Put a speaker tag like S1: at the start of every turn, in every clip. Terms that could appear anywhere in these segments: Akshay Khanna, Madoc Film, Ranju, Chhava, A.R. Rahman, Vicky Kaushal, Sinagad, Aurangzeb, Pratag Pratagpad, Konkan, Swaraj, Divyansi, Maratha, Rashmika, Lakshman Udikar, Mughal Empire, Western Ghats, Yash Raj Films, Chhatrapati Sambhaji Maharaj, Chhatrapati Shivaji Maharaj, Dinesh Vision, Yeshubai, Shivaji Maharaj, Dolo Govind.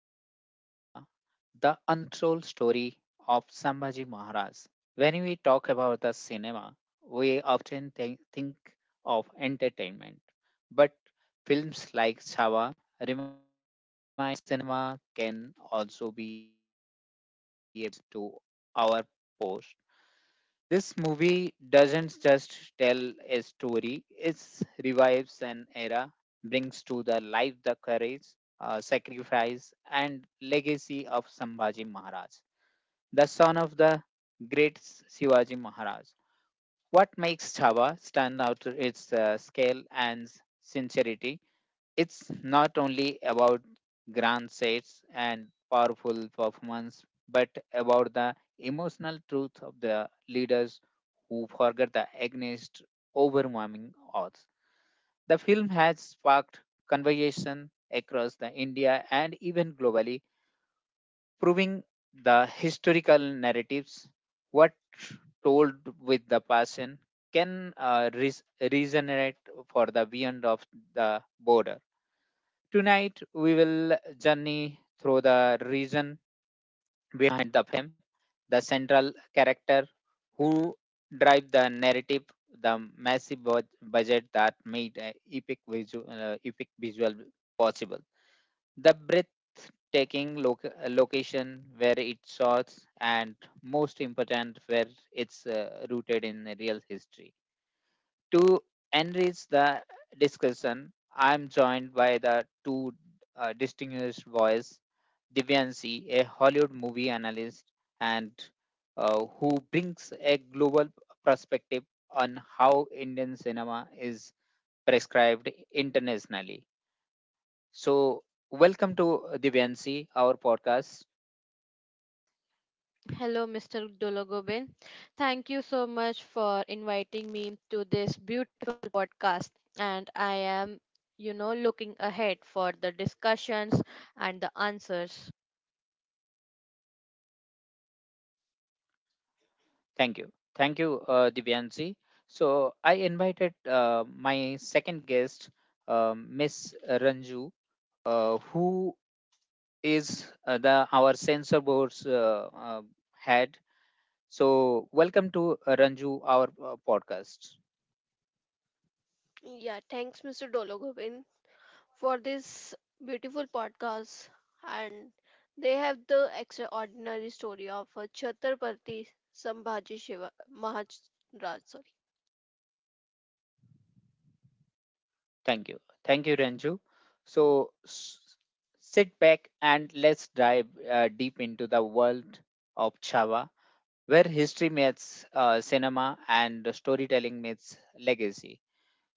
S1: Again to Chhava, the untold story of Sambhaji Maharaj. When we talk about the cinema, we often think of entertainment, but films like Chhava remind cinema can also be apps to our post. This movie doesn't just tell a story, it revives an era, brings to the life the courage, sacrifice, and legacy of Sambhaji Maharaj, the son of the great Shivaji Maharaj. What makes Chhava stand out is its scale and sincerity. It's not only about grand sets and powerful performance, but about the emotional truth of the leaders who forget the against overwhelming odds. The film has sparked conversation across the India and even globally, proving the historical narratives what told with the passion can resonate for the beyond of the border. Tonight, we will journey through the reason behind the film, the central character who drive the narrative, the massive budget that made epic visual possible, the breathtaking location where it shots, and most important, where it's rooted in real history. To enrich the discussion, I am joined by the two distinguished voice, Divyansi, a Hollywood movie analyst, and who brings a global perspective on how Indian cinema is prescribed internationally. So, welcome to Divyansi, our podcast.
S2: Hello, Mr. Dologoben. Thank you so much for inviting me to this beautiful podcast. And I am, looking ahead for the discussions and the answers.
S1: Thank you. Thank you, Divyansi. So I invited my second guest, Miss Ranju, who is the our censor board's head. So welcome to Ranju, our podcast.
S2: Yeah, thanks, Mr. Dologovin, for this beautiful podcast. And they have the extraordinary story of Chhatrapati Sambhaji Shiva Maharaj. Sorry.
S1: Thank you. Thank you, Ranju. So s- Sit back and let's dive deep into the world of Chava, where history meets cinema and storytelling meets legacy.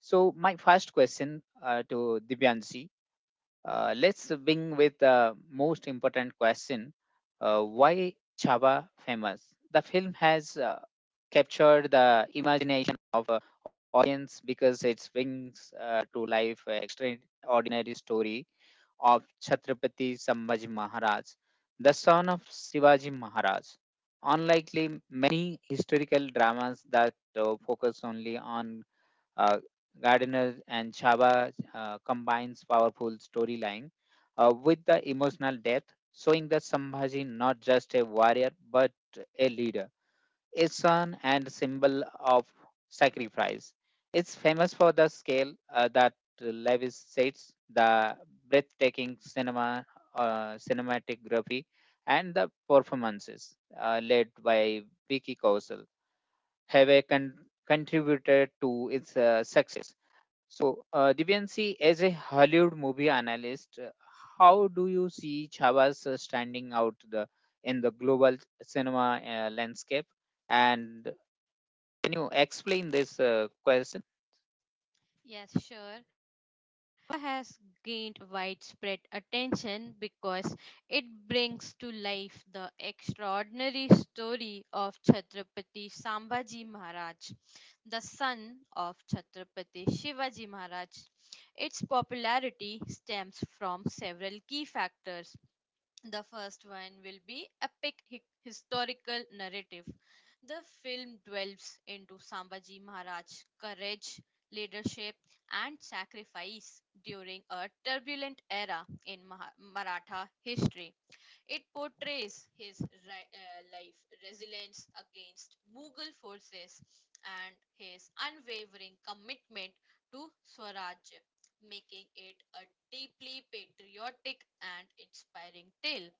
S1: So my first question to Divyanshi, let's begin with the most important question. Why Chhava famous? The film has captured the imagination of audience because it brings to life an extraordinary story of Chhatrapati Sambhaji Maharaj, the son of Shivaji Maharaj. Unlikely many historical dramas that focus only on uh, Gardener and Chaba combines powerful storyline with the emotional depth, showing that Sambhaji not just a warrior but a leader, a son symbol of sacrifice. It's famous for the scale that Lewis sets, the breathtaking cinematography, and the performances led by Vicky Kausal have a contributed to its success. So, Divyansi, as a Hollywood movie analyst, how do you see Chavas standing out the in the global cinema landscape? And can you explain this question?
S2: Yes, sure. Has gained widespread attention because it brings to life the extraordinary story of Chhatrapati Sambhaji Maharaj, the son of Chhatrapati Shivaji Maharaj. Its popularity stems from several key factors. The first one will be epic historical narrative. The film delves into Sambhaji Maharaj's courage, leadership and sacrifice during a turbulent era in Maratha history. It portrays his life resilience against Mughal forces and his unwavering commitment to Swaraj, making it a deeply patriotic and inspiring tale.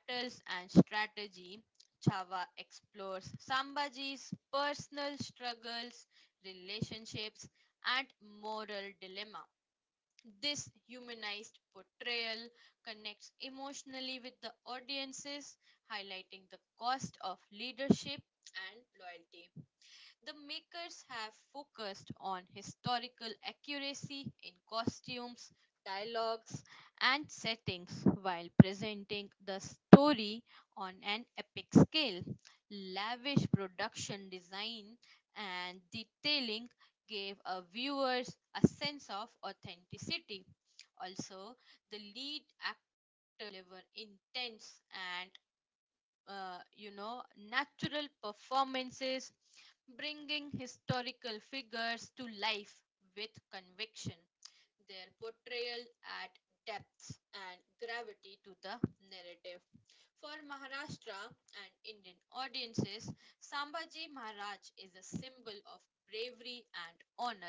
S2: Battles and strategy. Chava explores Sambhaji's personal struggles, relationships, and moral dilemma. This humanized portrayal connects emotionally with the audiences, highlighting the cost of leadership and loyalty. The makers have focused on historical accuracy in costumes, dialogues, and settings while presenting the story on an epic scale. Lavish production design and detailing gave our viewers a sense of authenticity. Also, the lead actors deliver intense and natural performances, bringing historical figures to life with conviction. Their portrayal at depth and gravity to the narrative. For Maharashtra and Indian audiences, Sambhaji Maharaj is a symbol of bravery and honor.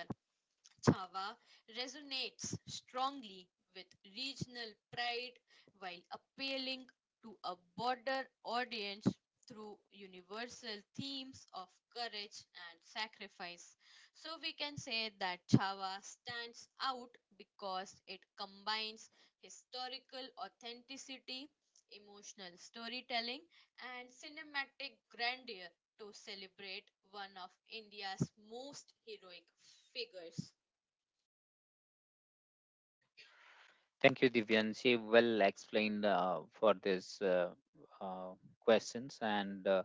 S2: Chhava resonates strongly with regional pride while appealing to a broader audience through universal themes of courage and sacrifice. So we can say that Chhava stands out because it combines historical authenticity, emotional storytelling, and cinematic grandeur to celebrate one of India's most heroic figures.
S1: Thank you, Divyansi. Well explained for this uh, question, and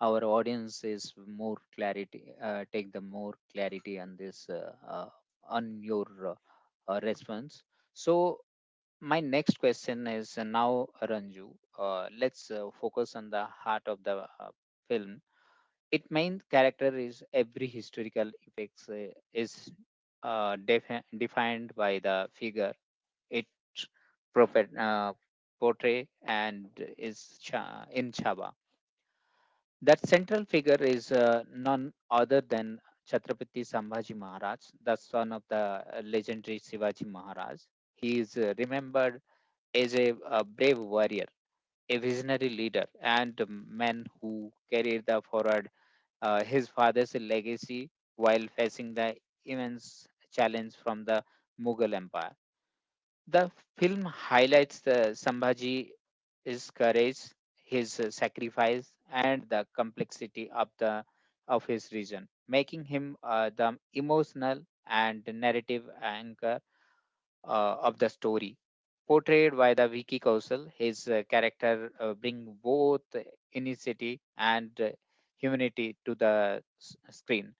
S1: our audience is more clarity. Take the more clarity on this on your response. So, my next question is now ranju let's focus on the heart of the uh, film its main character is every historical effects is defined by the figure it prophet, portray and is in chaba that central figure is none other than Chhatrapati Sambhaji Maharaj, the son of the legendary Shivaji Maharaj. He is remembered is a brave warrior, a visionary leader, and a man who carried the forward his father's legacy while facing the immense challenge from the Mughal Empire. The film highlights the Sambhaji's courage, his sacrifice, and the complexity of his region, making him the emotional and narrative anchor of the story. Portrayed by the Vicky Kaushal, his character bring both initiative and humanity to the screen.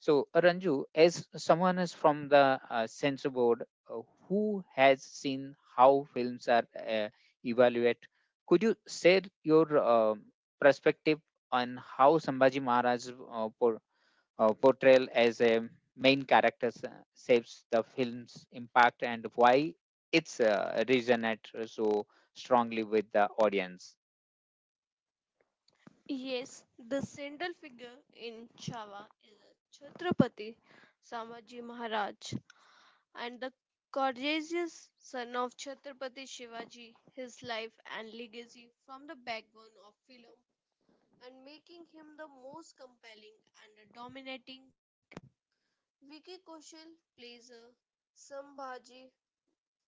S1: So Ranju, as someone is from the censor board, uh, who has seen how films are evaluated, could you share your perspective on how Sambhaji Maharaj portrayal as a main character shapes the film's impact and why it's resonates so strongly with the audience.
S2: Yes, the central figure in Chava is Chhatrapati Samaji Maharaj and the courageous son of Chhatrapati Shivaji. His life and legacy form the backbone of film and making him the most compelling and dominating. Vicky Kaushal plays a Sambhaji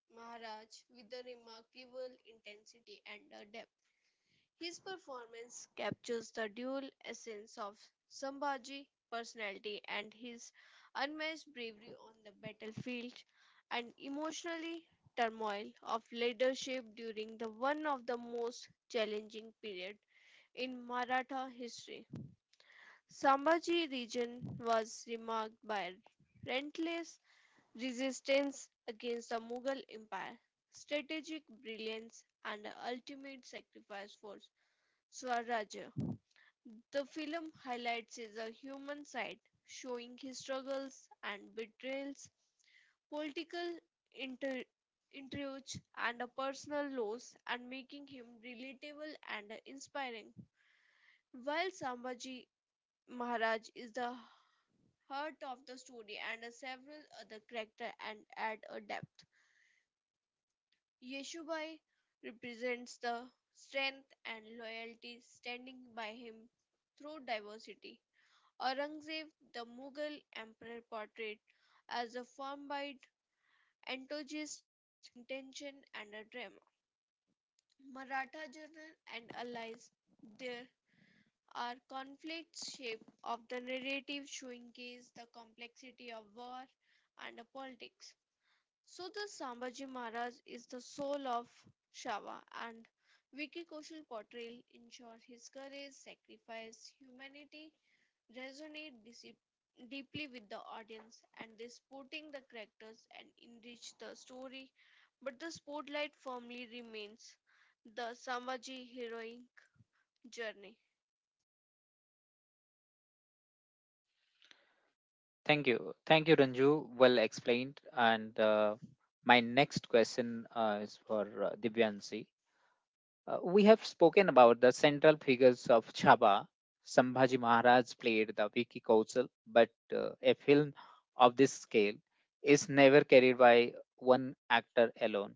S2: Maharaj with a remarkable intensity and a depth. His performance captures the dual essence of Sambhaji's personality and his unmatched bravery on the battlefield and emotionally turmoil of leadership during the one of the most challenging period in Maratha history. Sambhaji region was remarked by relentless resistance against the Mughal Empire, strategic brilliance and the ultimate sacrifice for Swaraj. The film highlights his human side, showing his struggles and betrayals, political inter- intrigues, and a personal loss, and making him relatable and inspiring. While Sambhaji Maharaj is the heart of the story, and several other characters and add a depth. Yeshubai represents the strength and loyalty standing by him through diversity. Aurangzeb, the Mughal emperor portrayed as a firm-bodied enthusiast, intention and a drama. Maratha journal and allies. There are conflicts shape of the narrative showing case the complexity of war and the politics. So the Sambhaji Maharaj is the soul of Shava and Vicky Kaushal portrayal ensure his courage, sacrifice, humanity resonate deeply with the audience and they supporting the characters and enrich the story. But the spotlight firmly remains the Sambhaji heroic journey.
S1: Thank you. Thank you, Ranju. Well explained. And my next question is for Divyansi. We have spoken about the central figures of Chaba. Sambhaji Maharaj played the Vicky Kaushal, but a film of this scale is never carried by one actor alone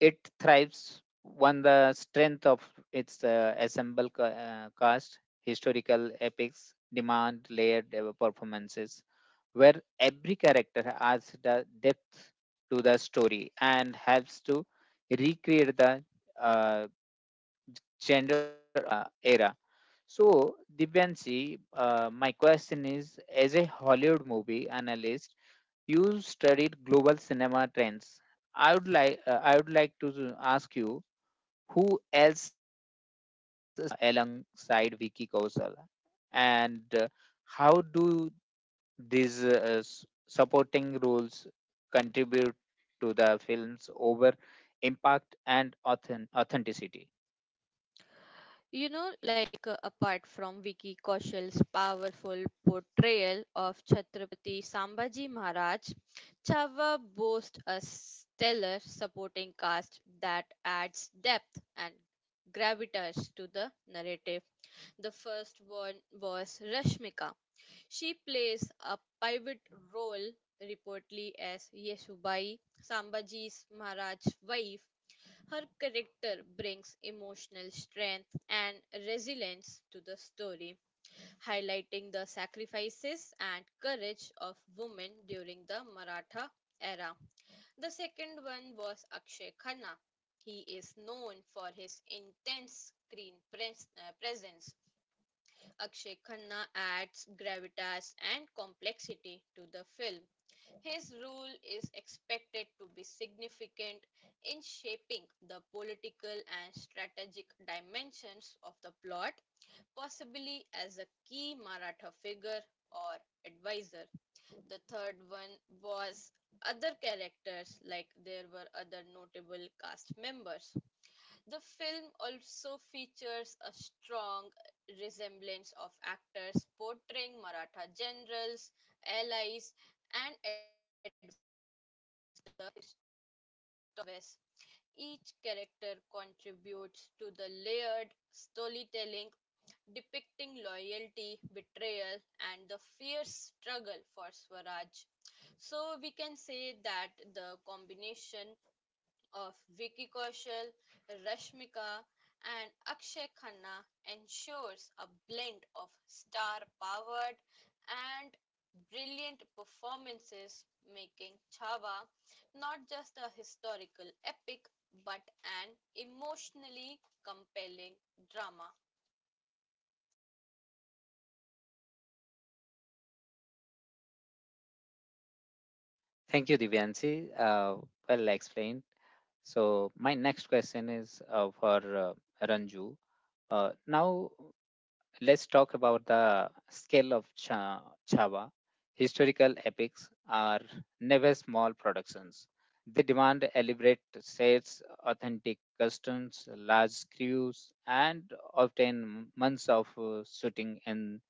S1: it thrives on the strength of its uh, assemble cast, historical epics, demand layered performances, where every character adds the depth to the story and helps to recreate the uh, gender era. So, Dibyansi, my question is as a Hollywood movie analyst, you studied global cinema trends. I would like to ask you who else alongside Vicky Kaushal? And how do these supporting roles contribute to the film's over impact and authenticity?
S2: Apart from Vicky Kaushal's powerful portrayal of Chhatrapati Sambhaji Maharaj, Chava boasts a stellar supporting cast that adds depth and gravitas to the narrative. The first one was Rashmika. She plays a pivot role reportedly as Yeshubai, Sambhaji's Maharaj's wife. Her character brings emotional strength and resilience to the story, highlighting the sacrifices and courage of women during the Maratha era. The second one was Akshay Khanna. He is known for his intense screen presence. Akshay Khanna adds gravitas and complexity to the film. His role is expected to be significant in shaping the political and strategic dimensions of the plot, possibly as a key Maratha figure or advisor. The third one was other characters, like there were other notable cast members. The film also features a strong resemblance of actors portraying Maratha generals, allies, and elders to the West. Each character contributes to the layered storytelling depicting loyalty, betrayal, and the fierce struggle for Swaraj. So, we can say that the combination of Vicky Kaushal, Rashmika, and Akshay Khanna ensures a blend of star powered and brilliant performances, making Chhava not just a historical epic but an emotionally compelling drama.
S1: Thank you, Divyanshi. Well explained. So, my next question is for Ranju. Now, let's talk about the scale of Chava. Historical epics are never small productions. They demand elaborate sets, authentic customs, large crews, and often months of shooting in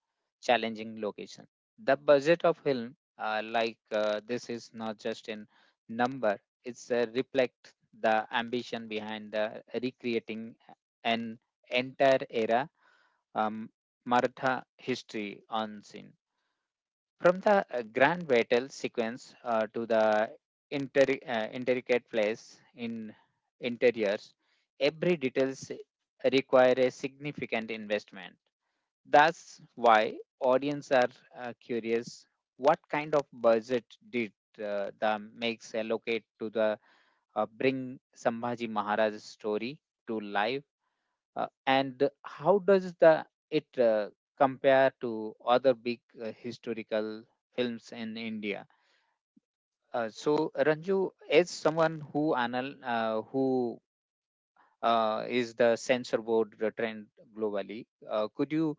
S1: challenging locations. The budget of film, like this, is not just in number; it's reflect the ambition behind the recreating an entire era um, Maratha history on scene the grand vital sequence to the intricate place in interiors, every details require a significant investment. That's why audience are curious what kind of budget did the makes allocate to the bring Sambhaji Maharaj's story to life and how does the it compare to other big historical films in India? So Ranju, as someone who anal who is the censor board trend globally, could you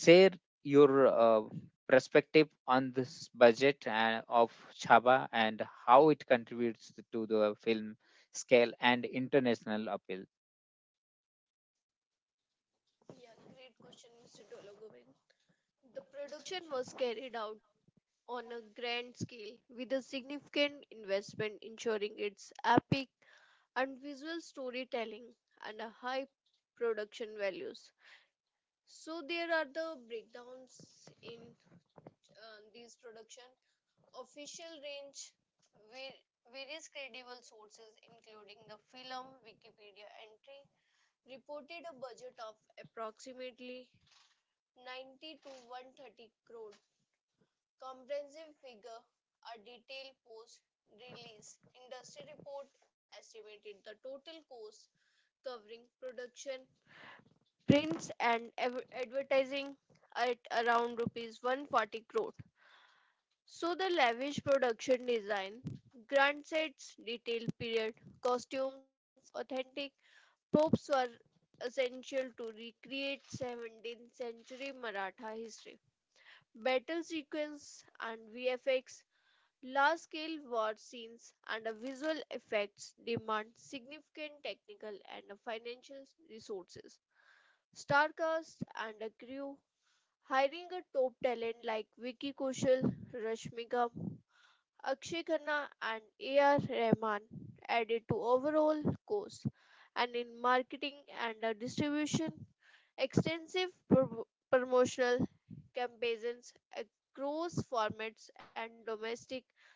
S1: share your perspective on this budget of Chaba and how it contributes to the film.
S2: Yeah, great question, Mr. Dologovin. The production was carried out on a grand scale with a significant investment ensuring its epic and visual storytelling and a high production values. So there are the breakdowns in these production. Official range, va- various credible sources including the film Wikipedia entry reported a budget of approximately 90 to 130 crore. Comprehensive figure, a detailed post release industry report estimated the total cost covering production prints and advertising at around rupees 140 crore. So the lavish production design, grand sets, detailed period, costumes, authentic props were essential to recreate 17th century Maratha history. Battle sequence and VFX, large scale war scenes and the visual effects demand significant technical and financial resources. Star cast and a crew hiring a top talent like Vicky Kaushal, Rashmika, Akshay Khanna, and A.R. Rahman added to overall cost, and in marketing and distribution, extensive promotional campaigns across formats and domestic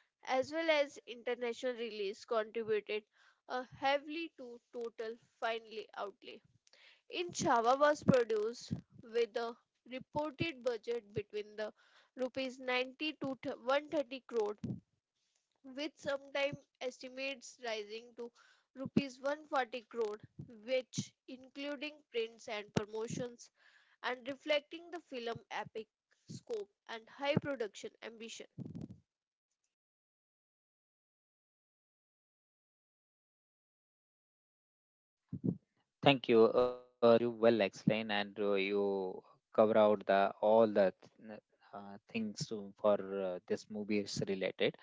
S2: as well as international release contributed heavily to total final outlay in Java was produced with a reported budget between the rupees 90 to 130 crore with sometime estimates rising to rupees 140 crore which including prints and promotions and reflecting the film epic scope and high production ambition.
S1: Thank you. You well explained, and you cover out the all the th- things to, for this movie is related.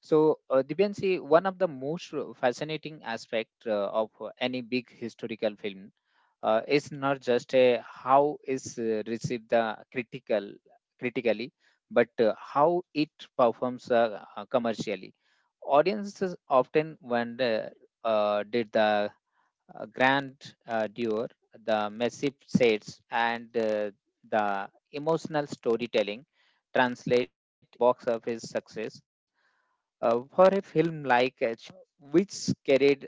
S1: So, Dibyansi, one of the most fascinating aspect of any big historical film is not just a how is received the critically, but how it performs commercially. Audiences often wonder did the grand Duer, the massive sets, and the emotional storytelling translate box office success for a film like which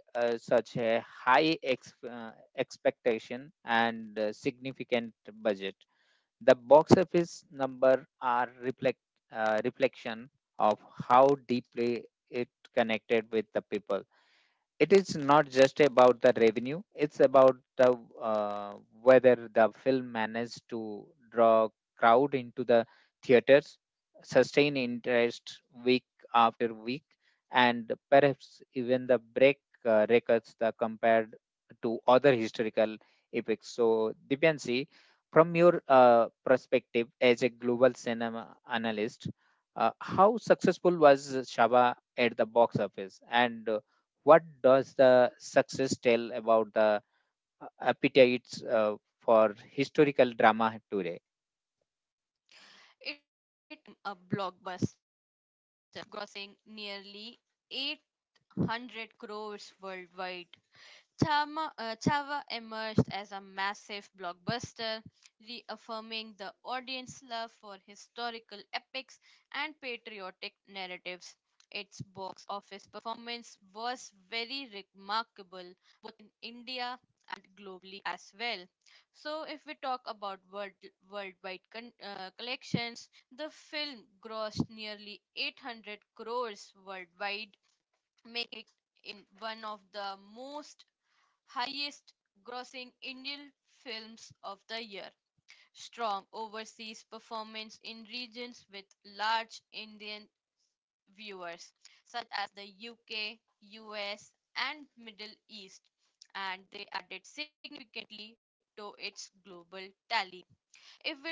S1: carried such a high expectation and significant budget. The box office number are reflection of how deeply it connected with the people it is not just about the revenue it's about the uh, whether the film managed to draw crowd into the theaters sustain interest week after week and perhaps even the break records the compared to other historical epics so dipansi from your perspective as a global cinema analyst how successful was shaba at the box office and what does the success tell about the appetites for historical drama today?
S2: A blockbuster, grossing nearly 800 crores worldwide Tama, Chava emerged as a massive blockbuster, reaffirming the audience's love for historical epics and patriotic narratives. Its box office performance was very remarkable both in India and globally as well. So, if we talk about worldwide collections, the film grossed nearly 800 crores worldwide, making it in one of the most highest grossing Indian films of the year, strong overseas performance in regions with large Indian viewers such as the UK, US and Middle East and they added significantly to its global tally.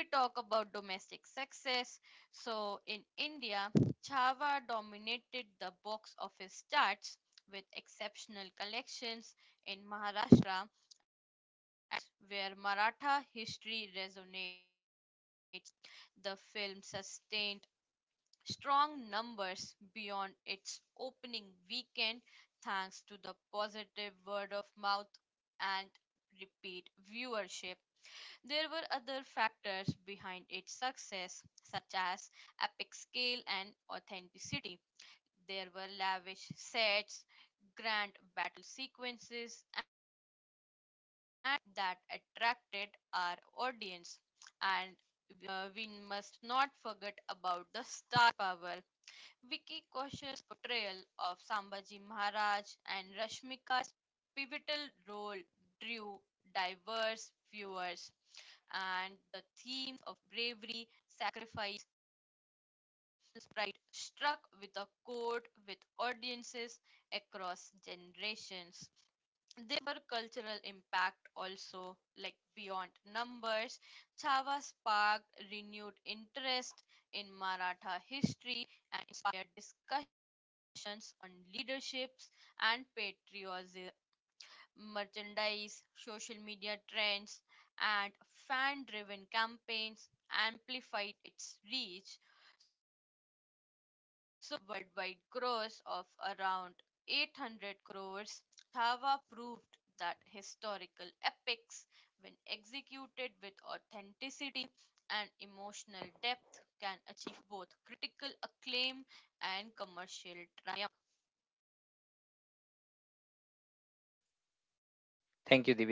S2: If we talk about domestic success, so in India, Chhava dominated the box office charts with exceptional collections in Maharashtra where Maratha history resonates, the film sustained strong numbers beyond its opening weekend thanks to the positive word of mouth and repeat viewership. There were other factors behind its success, such as epic scale and authenticity. There were lavish sets, grand battle sequences, and that attracted our audience. And we must not forget about the star power. Vicky Kaushal's portrayal of Sambhaji Maharaj and Rashmika's pivotal role drew diverse viewers, and the themes of bravery, sacrifice, pride struck with a chord with audiences across generations. There were cultural impact also, like beyond numbers, Chava sparked renewed interest in Maratha history and inspired discussions on leaderships and patriotism, merchandise, social media trends, and fan-driven campaigns amplified its reach. So worldwide gross of around 800 crores Thava proved that historical epics, when executed with authenticity and emotional depth, can achieve both critical acclaim and commercial triumph.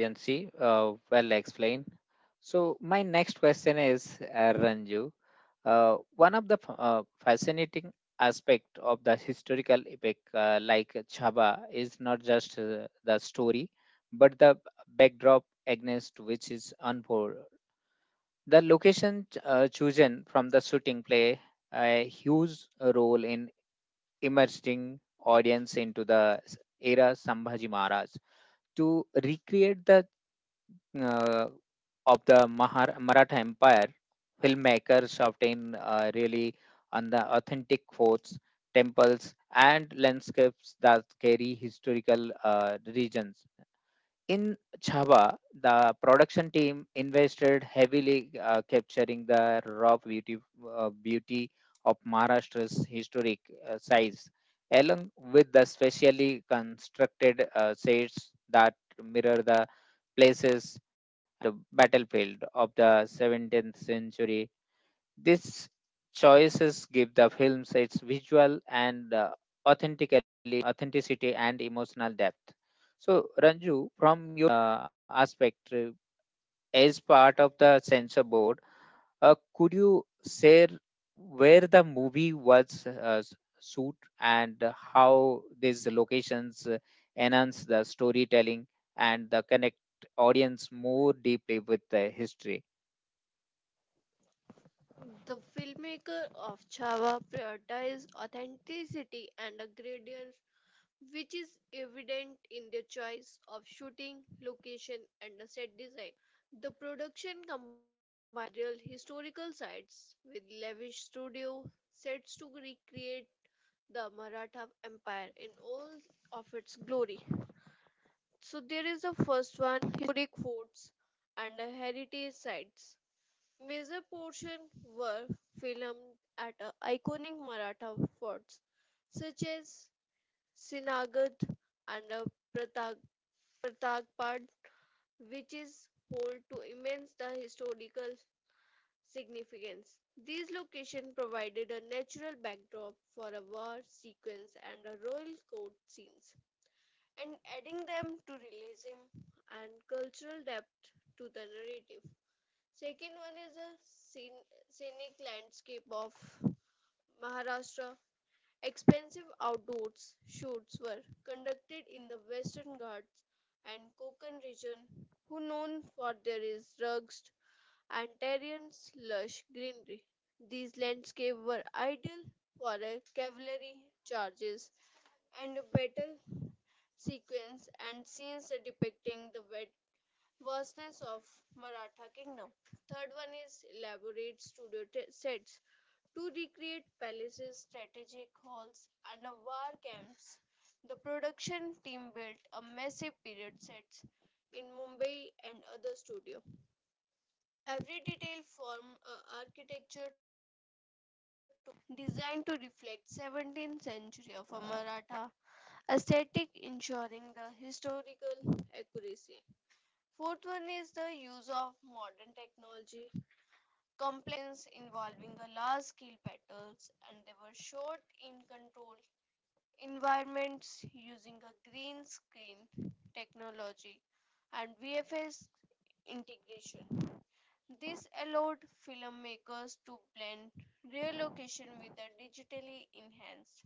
S1: Thank you, Divyanshi. Well explained. So, my next question is, Ranju. One of the fascinating aspect of the historical epic like Chaba is not just the story, but the backdrop against which is unfold. The location chosen from the shooting play a huge role in immersing audience into the era Sambhaji Maharaj to recreate the uh, of the Maratha Empire, filmmakers obtain really on the authentic forts, temples, and landscapes that carry historical regions. In Chhava, the production team invested heavily capturing the raw beauty of Maharashtra's historic size, along with the specially constructed sets that mirror the places the battlefield of the 17th century. These choices give the films its visual and authentically authenticity and emotional depth. So, Ranju, from aspect as part of the censor board, could you share where the movie was shoot and how these locations enhance the storytelling and the connect audience more deeply with the history?
S2: The filmmaker of Chava prioritized authenticity and a gradient which is evident in their choice of shooting, location, and the set design. Right. The production combined real historical sites with lavish studio sets to recreate the Maratha Empire in all of its glory. So there is the first one, historic forts and the heritage sites. Major portion were filmed at iconic Maratha forts such as Sinagad and Pratag Pratagpad, which is hold to immense the historical significance. These locations provided a natural backdrop for a war sequence and a royal court scenes, and adding them to realism and cultural depth to the narrative. Second one is a scenic landscape of Maharashtra. Expensive outdoors shoots were conducted in the Western Ghats and Konkan region, who known for their rugged and terrains lush greenery. These landscapes were ideal for a cavalry charges and battle sequence and scenes depicting the wet vastness of Maratha kingdom. Third one is elaborate studio sets to recreate palaces, strategic halls, and war camps. The production team built a massive period sets in Mumbai and other studio. Every detail from architecture to designed to reflect 17th century of a Maratha aesthetic, ensuring the historical accuracy. Fourth one is the use of modern technology, complaints involving the large-scale battles, and they were shot in controlled environments using a green screen technology and VFS integration. This allowed filmmakers to blend real location with the digitally enhanced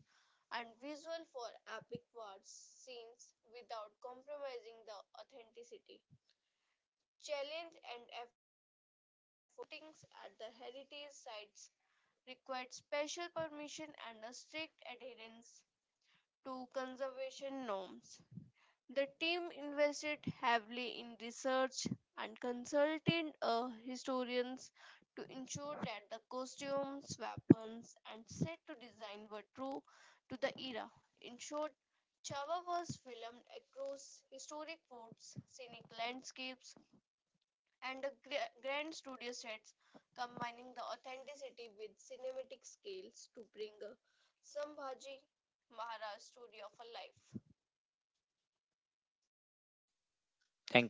S2: and visual for epic war scenes without compromising the authenticity. Challenge and effortings at the heritage sites required special permission and a strict adherence to conservation norms. The team invested heavily in research and consulted historians to ensure that the costumes, weapons, and set to design were true to the era. In short, Chava was filmed across historic forts, scenic landscapes, and a grand studio sets, combining the authenticity with cinematic scales to bring a Sambhaji Maharaj story of a life.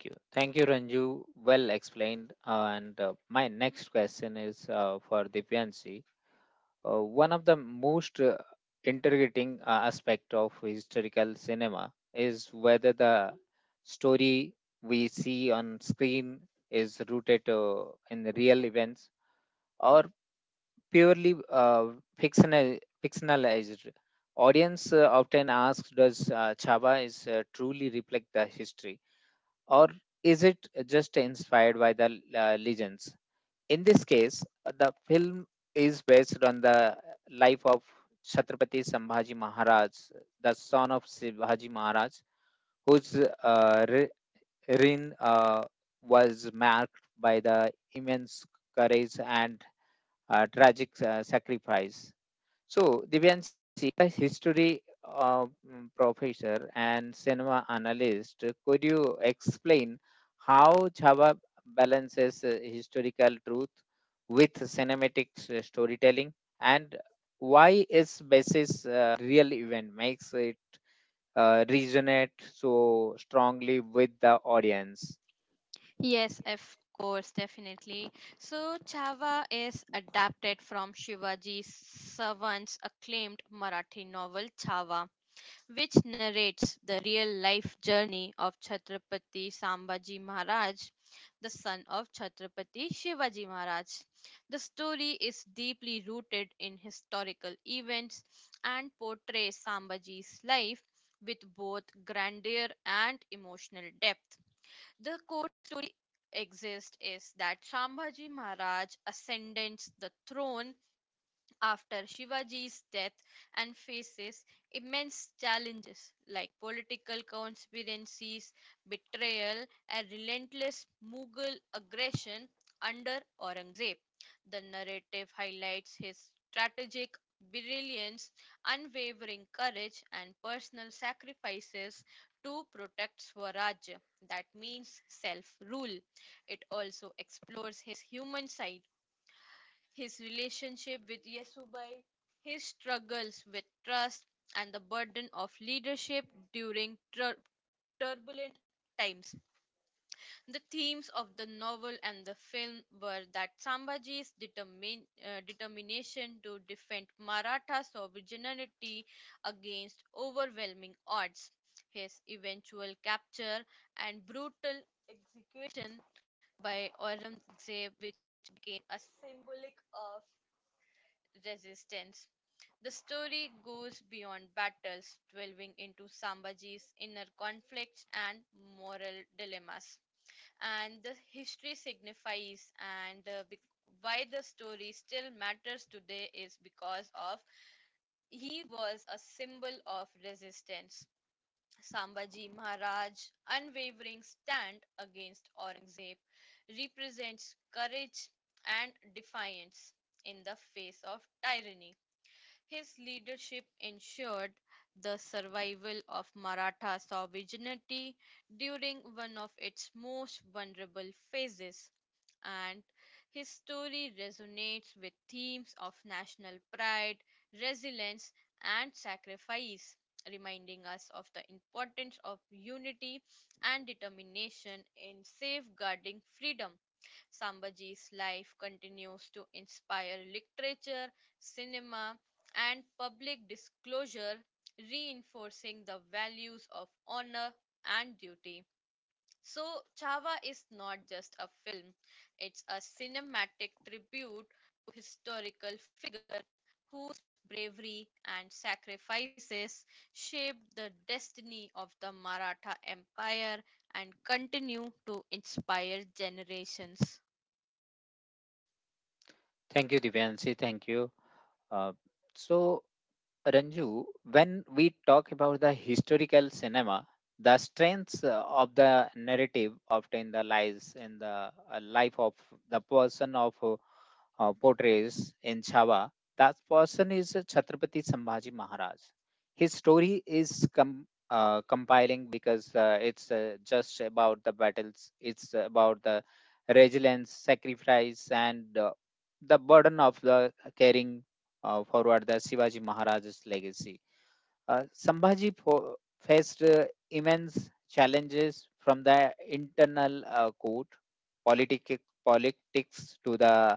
S1: Thank you. Thank you, Ranju. Well explained. And my next question is for Divyanshi. One of the most interrogating aspect of historical cinema is whether the story we see on screen is rooted in the real events or purely fictional, fictionalized. Audience often asks, does Chava is truly reflect the history or is it just inspired by the legends? In this case, the film is based on the life of Chhatrapati Sambhaji Maharaj, the son of Shivaji Maharaj, whose uh, re- reign was marked by the immense courage and tragic sacrifice. So, Divyanshi, a history professor and cinema analyst, could you explain how Chhava balances historical truth with cinematic storytelling and why its basis real event makes it resonate so strongly with the audience?
S2: Yes, of course, definitely. So, Chava is adapted from Shivaji Savant's acclaimed Marathi novel Chava, which narrates the real life journey of Chhatrapati Sambhaji Maharaj, the son of Chhatrapati Shivaji Maharaj. The story is deeply rooted in historical events and portrays Sambhaji's life with both grandeur and emotional depth. The Exist is that Shambhaji Maharaj ascends the throne after Shivaji's death and faces immense challenges like political conspiracies, betrayal, and relentless Mughal aggression under Aurangzeb. The narrative highlights his strategic brilliance, unwavering courage, and personal sacrifices to protect Swaraj. That means self rule. It also explores his human side his relationship with Yasubai, his struggles with trust, and the burden of leadership during turbulent times. The themes of the novel and the film were that Sambhaji's determination to defend Maratha sovereignty against overwhelming odds, his eventual capture, and brutal execution by Aurangzeb, which became a symbolic of resistance. The story goes beyond battles, delving into Sambaji's inner conflicts and moral dilemmas. And the history signifies and why the story still matters today is because of he was a symbol of resistance. Sambaji Maharaj unwavering stand against Aurangzeb represents courage and defiance in the face of tyranny. His leadership ensured the survival of Maratha sovereignty during one of its most vulnerable phases, and his story resonates with themes of national pride, resilience, and sacrifice, reminding us of the importance of unity and determination in safeguarding freedom. Sambhaji's life continues to inspire literature, cinema, and public disclosure, reinforcing the values of honor and duty. So, Chava is not just a film, it's a cinematic tribute to historical figure whose bravery and sacrifices shaped the destiny of the Maratha Empire and continue to inspire generations.
S1: Thank you, Divyanshi. Thank you. Uh, so Ranju, when we talk about the historical cinema, the strengths of the narrative often the lies in the life of the person of portrays in Chhawa, that person is Chhatrapati Sambhaji Maharaj. His story is compiling because it's just about the battles, it's about the resilience, sacrifice, and the burden of the carrying forward the Shivaji legacy. Sambhaji faced immense challenges from the internal court, politic- politics to the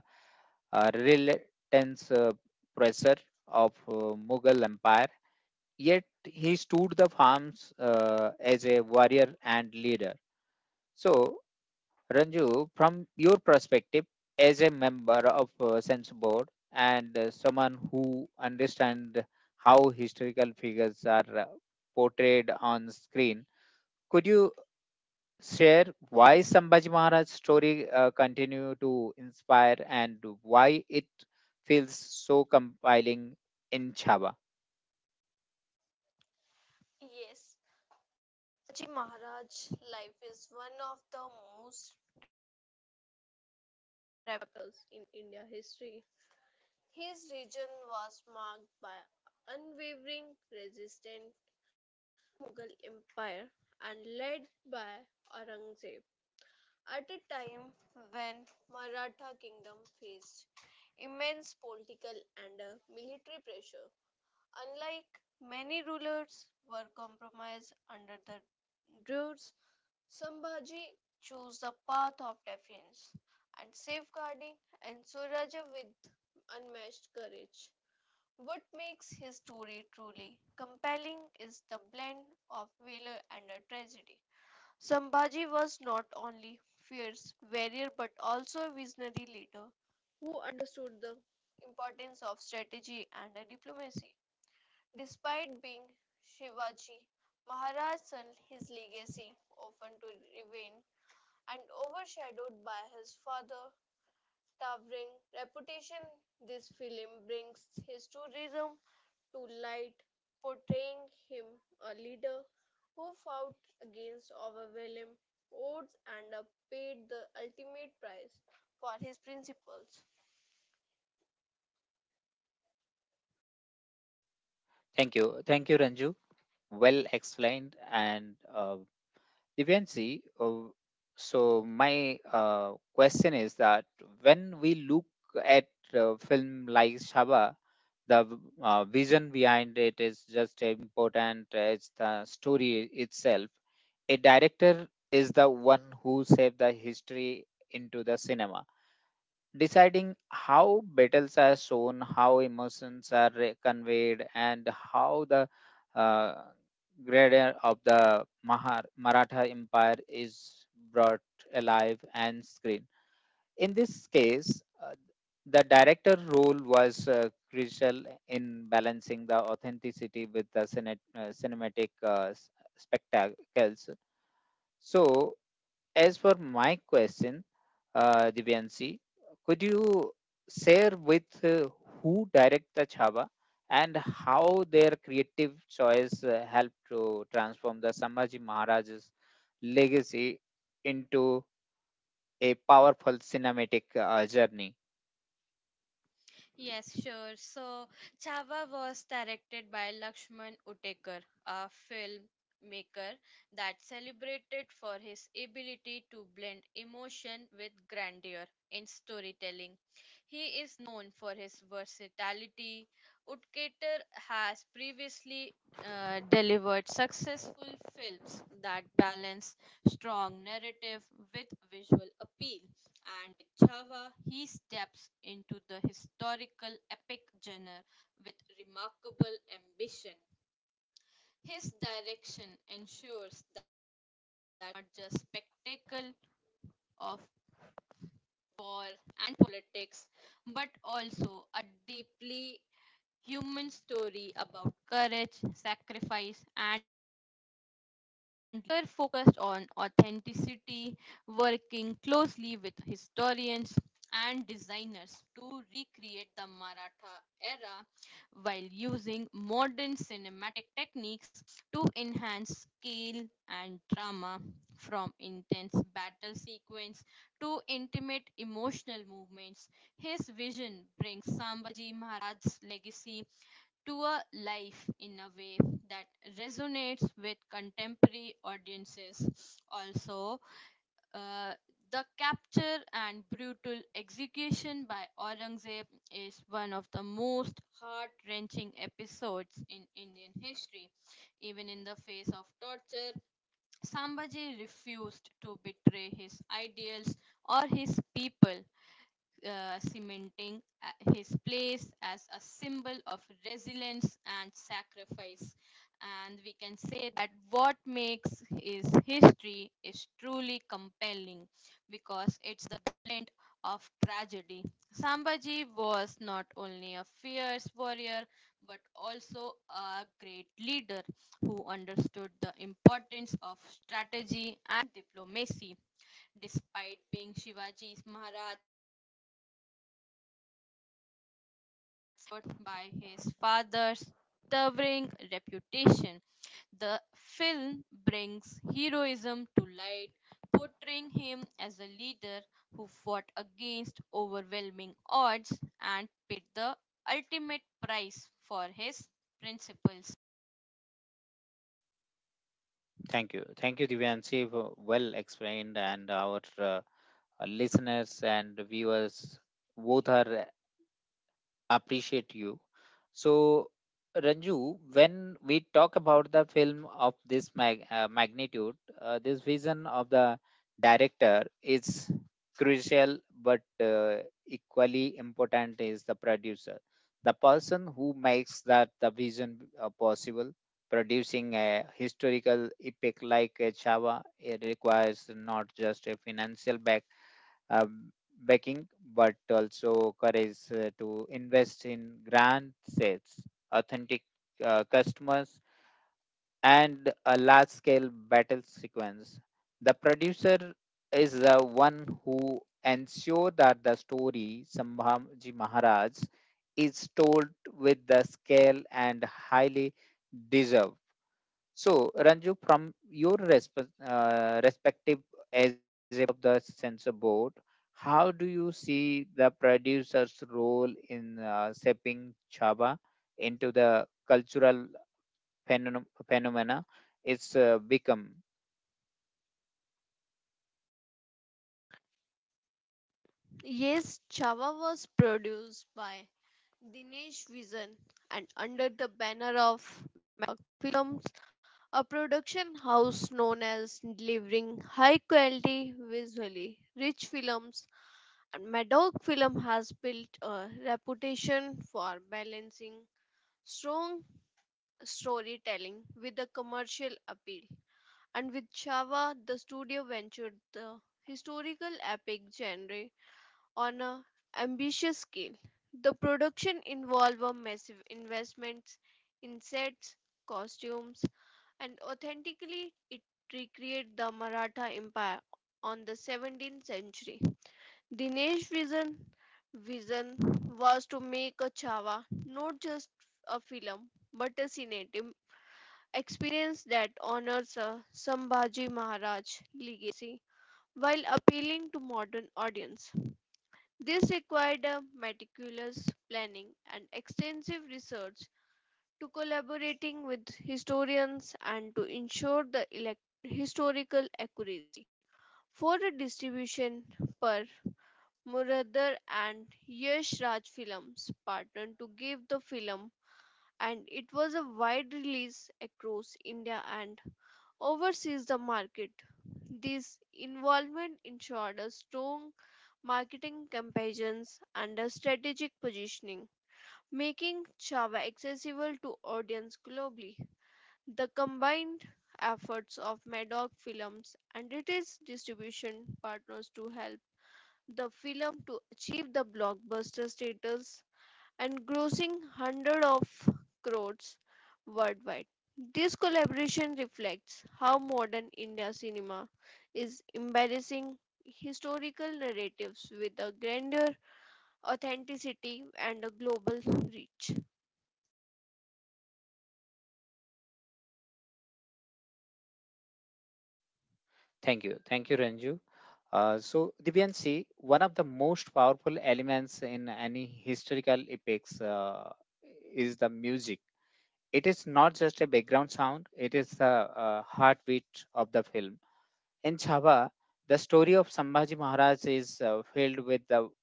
S1: relentless pressure of Mughal Empire. Yet he stood the farms as a warrior and leader. So Ranju, from your perspective as a member of Sense Board and someone who understands how historical figures are portrayed on screen, could you share why Sambhaji Maharaj's story continue to inspire and why it feels so compelling in Chhava?
S2: Yes, Shaji Maharaj's life is one of the most pivotal in India history. His region was marked by unwavering resistance to Mughal Empire and led by Aurangzeb at a time when Maratha kingdom faced immense political and military pressure. Unlike many rulers were compromised under the Druids, Sambhaji chose the path of defiance and safeguarding and Suraja with unmatched courage. What makes his story truly compelling is the blend of valor and a tragedy. Sambhaji was not only fierce warrior but also a visionary leader who understood the importance of strategy and diplomacy. Despite being Shivaji, Maharaj sent his legacy often to remain and overshadowed by his father towering reputation this film brings his tourism to light portraying him a leader who fought against overwhelming odds and paid the ultimate price for his principles.
S1: Thank you. Thank you, Ranju. Well explained and Divyansi, so my question is that when we look at a film like Shaba, the vision behind it is just important as the story itself. A director is the one who saved the history into the cinema deciding how battles are shown, how emotions are conveyed, and how the uh, grandeur of the Maratha Empire is brought alive and screen. In this case, the director role was crucial in balancing the authenticity with the cinematic spectacles. So as for my question, Divyanshi, could you share with who direct the Chhava and how their creative choice helped to transform the Sambhaji Maharaj's legacy into a powerful cinematic journey?
S2: Yes, sure. So, Chava was directed by Lakshman Udikar, a filmmaker that celebrated for his ability to blend emotion with grandeur in storytelling. He is known for his versatility. Udkater has previously delivered successful films that balance strong narrative with visual appeal and with Chava, he steps into the historical epic genre with remarkable ambition. His direction ensures that not just spectacle of war and politics, but also a deeply human story about courage, sacrifice, and Hunter focused on authenticity, working closely with historians and designers to recreate the Maratha era while using modern cinematic techniques to enhance scale and drama from intense battle sequence to intimate emotional movements his vision brings sambhaji maharaj's legacy to a life in a way that resonates with contemporary audiences. Also, uh, the capture and brutal execution by Aurangzeb is one of the most heart wrenching episodes in Indian history. Even in the face of torture, Sambhaji refused to betray his ideals or his people cementing his place as a symbol of resilience and sacrifice. And we can say that what makes his history is truly compelling because it's the blend of tragedy. Sambhaji was not only a fierce warrior but also a great leader who understood the importance of strategy and diplomacy. Despite being Shivaji's Maharaj, suffered by his father's towering reputation. The film brings heroism to light, portraying him as a leader who fought against overwhelming odds and paid the ultimate price for his principles.
S1: Thank you. Thank you, Divyanshi. Well explained, and our listeners and viewers both are appreciate you. So, Ranju, when we talk about the film of this magnitude, this vision of the director is crucial, but equally important is the producer, the person who makes that the vision possible. Producing a historical epic like a Chava, it requires not just a financial uh, backing, but also courage to invest in grand sales, authentic customers, and a large scale battle sequence. The producer is the one who ensure that the story Sambhaji Maharaj is told with the scale and highly deserved. So, Ranju, from your respective relationship of the censor board. How do you see the producer's role in shaping Chava into the cultural phenomena it's become?
S2: Yes, Chava was produced by Dinesh Vision and under the banner of Film. A production house known as delivering high quality, visually rich films, and Madoc Film has built a reputation for balancing strong storytelling with a commercial appeal. And with Chava, the studio ventured the historical epic genre on an ambitious scale. The production involved a massive investments in sets, costumes, and authentically it recreate the Maratha Empire on the 17th century. Dinesh's vision was to make a Chava not just a film but a cinematic experience that honors a Sambhaji Maharaj legacy while appealing to modern audience. This required a meticulous planning and extensive research to collaborating with historians and to ensure the historical accuracy. For the distribution per Muradhar and Yash Raj Films partnered to give the film and it was a wide release across India and overseas the market. This involvement ensured a strong marketing campaigns and a strategic positioning, making Chava accessible to audience globally. The combined efforts of Madog Films and its distribution partners to help the film to achieve the blockbuster status and grossing hundreds of crores worldwide. This collaboration reflects how modern India cinema is embracing historical narratives with a grandeur, authenticity, and a global reach.
S1: Thank you. Thank you, Ranju. So Divyanshi, one of the most powerful elements in any historical epics is the music. It is not just a background sound, it is the heartbeat of the film in Chhaba, the story of Sambhaji Maharaj is filled with the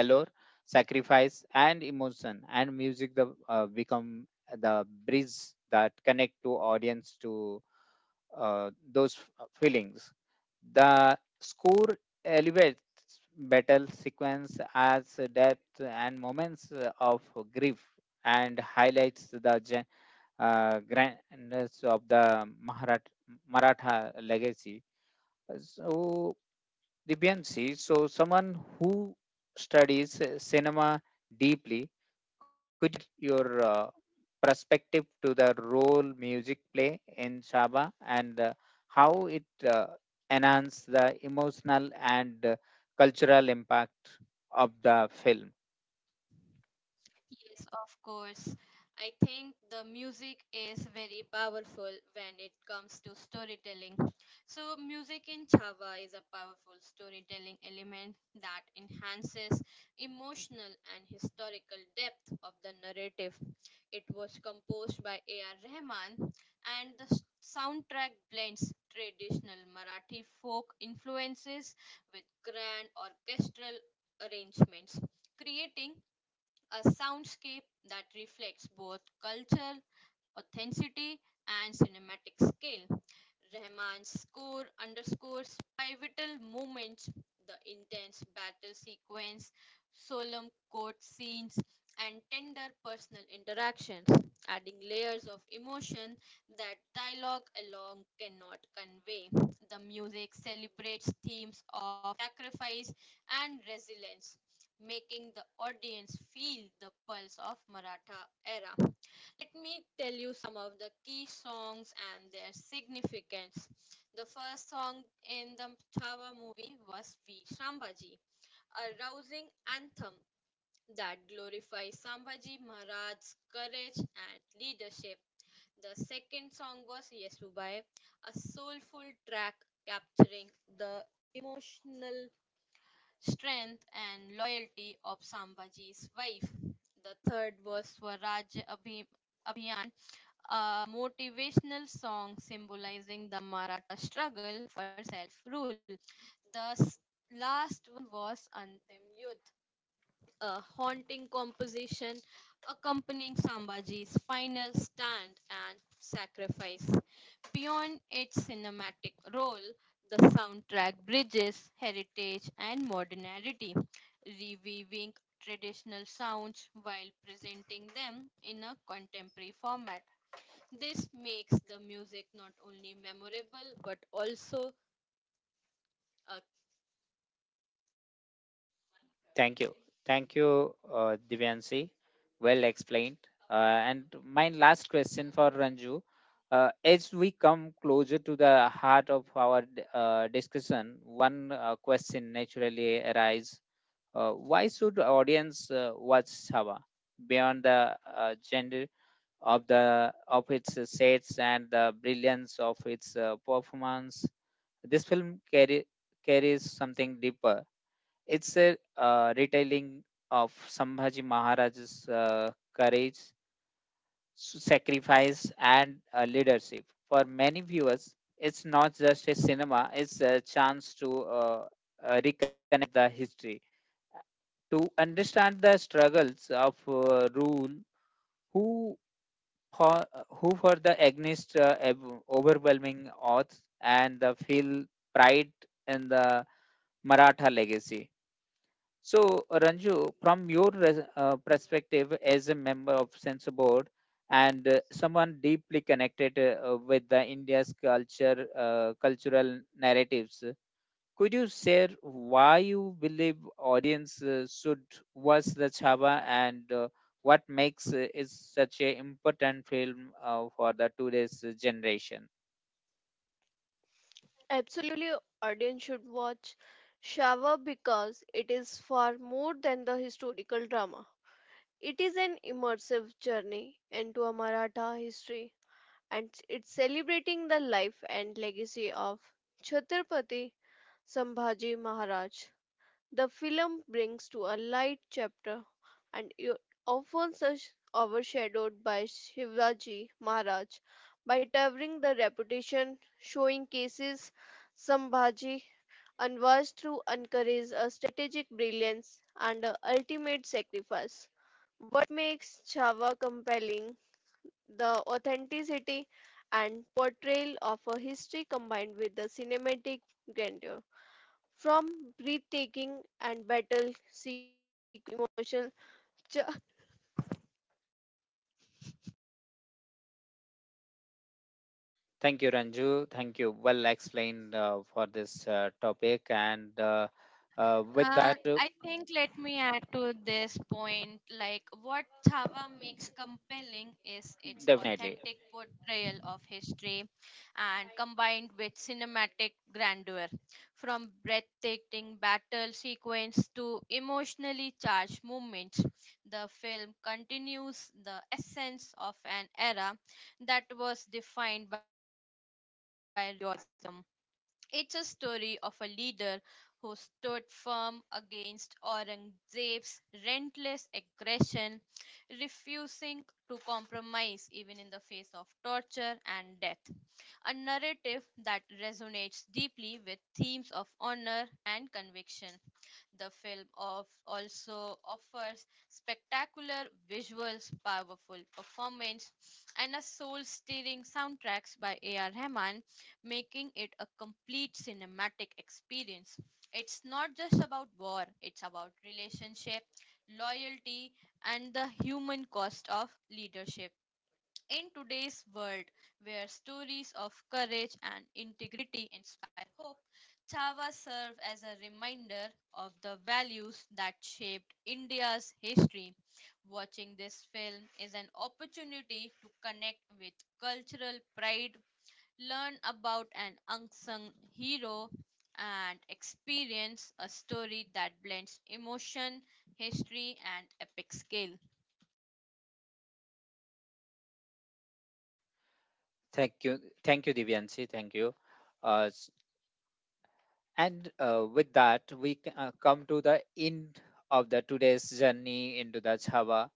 S1: valor, sacrifice, and emotion, and music become the bridge that connect to audience to those feelings. The score elevates battle sequence as depth and moments of grief and highlights the grandness of the Maratha legacy. So, Divyanshi, so someone who studies cinema deeply, could your perspective to the role music play in Shaba and how it enhance the emotional and cultural impact of the film?
S2: Yes, of course. I think the music is very powerful when it comes to storytelling. So, music in Chava is a powerful storytelling element that enhances emotional and historical depth of the narrative. It was composed by A.R. Rahman, and the soundtrack blends traditional Marathi folk influences with grand orchestral arrangements creating a soundscape that reflects both culture authenticity, and cinematic scale. Rahman's score underscores pivotal moments, the intense battle sequence, solemn court scenes, and tender personal interactions, adding layers of emotion that dialogue alone cannot convey. The music celebrates themes of sacrifice and resilience, making the audience feel the pulse of Maratha era. Let me tell you some of the key songs and their significance. The first song in the Chhawa movie was V. Sambhaji, a rousing anthem that glorifies Sambhaji Maharaj's courage and leadership. The second song was Yesubai, a soulful track capturing the emotional strength and loyalty of Sambhaji's wife. The third was Swaraj Abhi- a motivational song symbolizing the Maratha struggle for self rule. The last one was Antim Yudh, a haunting composition accompanying Sambhaji's final stand and sacrifice. Beyond its cinematic role, the soundtrack bridges heritage and modernity, reviewing traditional sounds while presenting them in a contemporary format. This makes the music not only memorable but also a
S1: Thank you. Thank you, Divyansi. Well explained. And my last question for Ranju. As we come closer to the heart of our discussion, one question naturally arises. Why should audience watch Sava beyond the gender of the of its sets and the brilliance of its performance? This film carry, Carries something deeper it's a retelling of Sambhaji Maharaj's courage, sacrifice, and leadership. For many viewers, it's not just a cinema, it's a chance to reconnect the history to understand the struggles of rule who for, who for the against overwhelming odds and feel pride in the maratha legacy. So, Ranju, from your perspective as a member of Censor Board and someone deeply connected with the India's culture, cultural narratives, could you share why you believe audience should watch the Chhava and what makes it such an important film for the today's generation?
S2: Absolutely, audience should watch Shower because it is far more than the historical drama. It is an immersive journey into a Maratha history and it's celebrating the life and legacy of Chhatrapati Sambhaji Maharaj. The film brings to a light chapter and often such overshadowed by Shivaji Maharaj by towering the reputation, showing cases Sambhaji unwise through encourage a strategic brilliance and a ultimate sacrifice. What makes Chava compelling? The authenticity and portrayal of a history combined with the cinematic grandeur. From breathtaking and battle emotion. Ju-
S1: Thank you, Ranju. Thank you. Well explained for this topic. And with that,
S2: I
S1: uh,
S2: think let me add to this point like what Chava makes compelling is its authentic
S1: definitely.
S2: portrayal of history and combined with cinematic grandeur from breathtaking battle sequence to emotionally charged moments the film continues the essence of an era that was defined by realism. It's a story of a leader who stood firm against Aurangzeb's relentless aggression, refusing to compromise even in the face of torture and death. A narrative that resonates deeply with themes of honor and conviction. The film of also offers spectacular visuals, powerful performance, and a soul-stirring soundtracks by A.R. Rahman, making it a complete cinematic experience. It's not just about war, it's about relationship, loyalty, and the human cost of leadership in today's world where stories of courage and integrity inspire hope, Chava serve as a reminder of the values that shaped India's history. Watching this film is an opportunity to connect with cultural pride, learn about an unsung hero, and experience a story that blends emotion, history, and epic scale.
S1: Thank you. Thank you, Divyanshi. Thank you. S- and With that, we come to the end of the today's journey into the Chhava.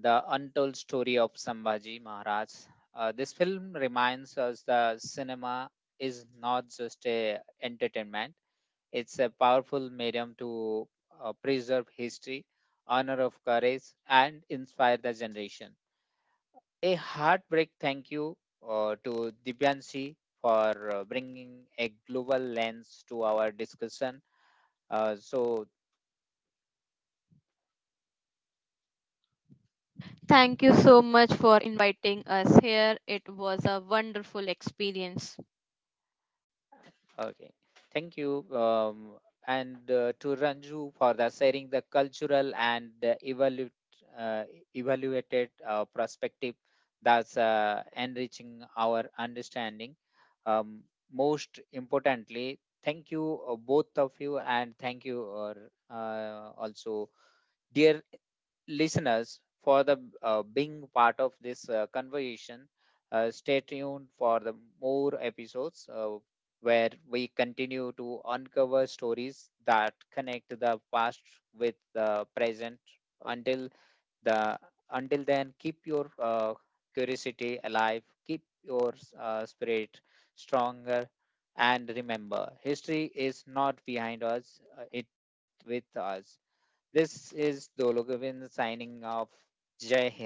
S1: The Untold Story of Sambhaji Maharaj. This film reminds us that cinema is not just a entertainment; it's a powerful medium to preserve history, honor of courage, and inspire the generation. A heartbreak thank you to Dibyanshi for bringing a global lens to our discussion. So
S2: Thank you so much for inviting us here. It was a wonderful experience.
S1: okay, thank you, and to Ranju for the sharing the cultural and uh, evaluated perspective that's enriching our understanding. Um, Most importantly, thank you both of you, and thank you or also dear listeners for the being part of this conversation. Stay tuned for the more episodes where we continue to uncover stories that connect the past with the present. Until the until then, keep your curiosity alive, keep your spirit stronger, and remember, history is not behind us; it with us. This is Dolo Govind signing off. Jai Hind.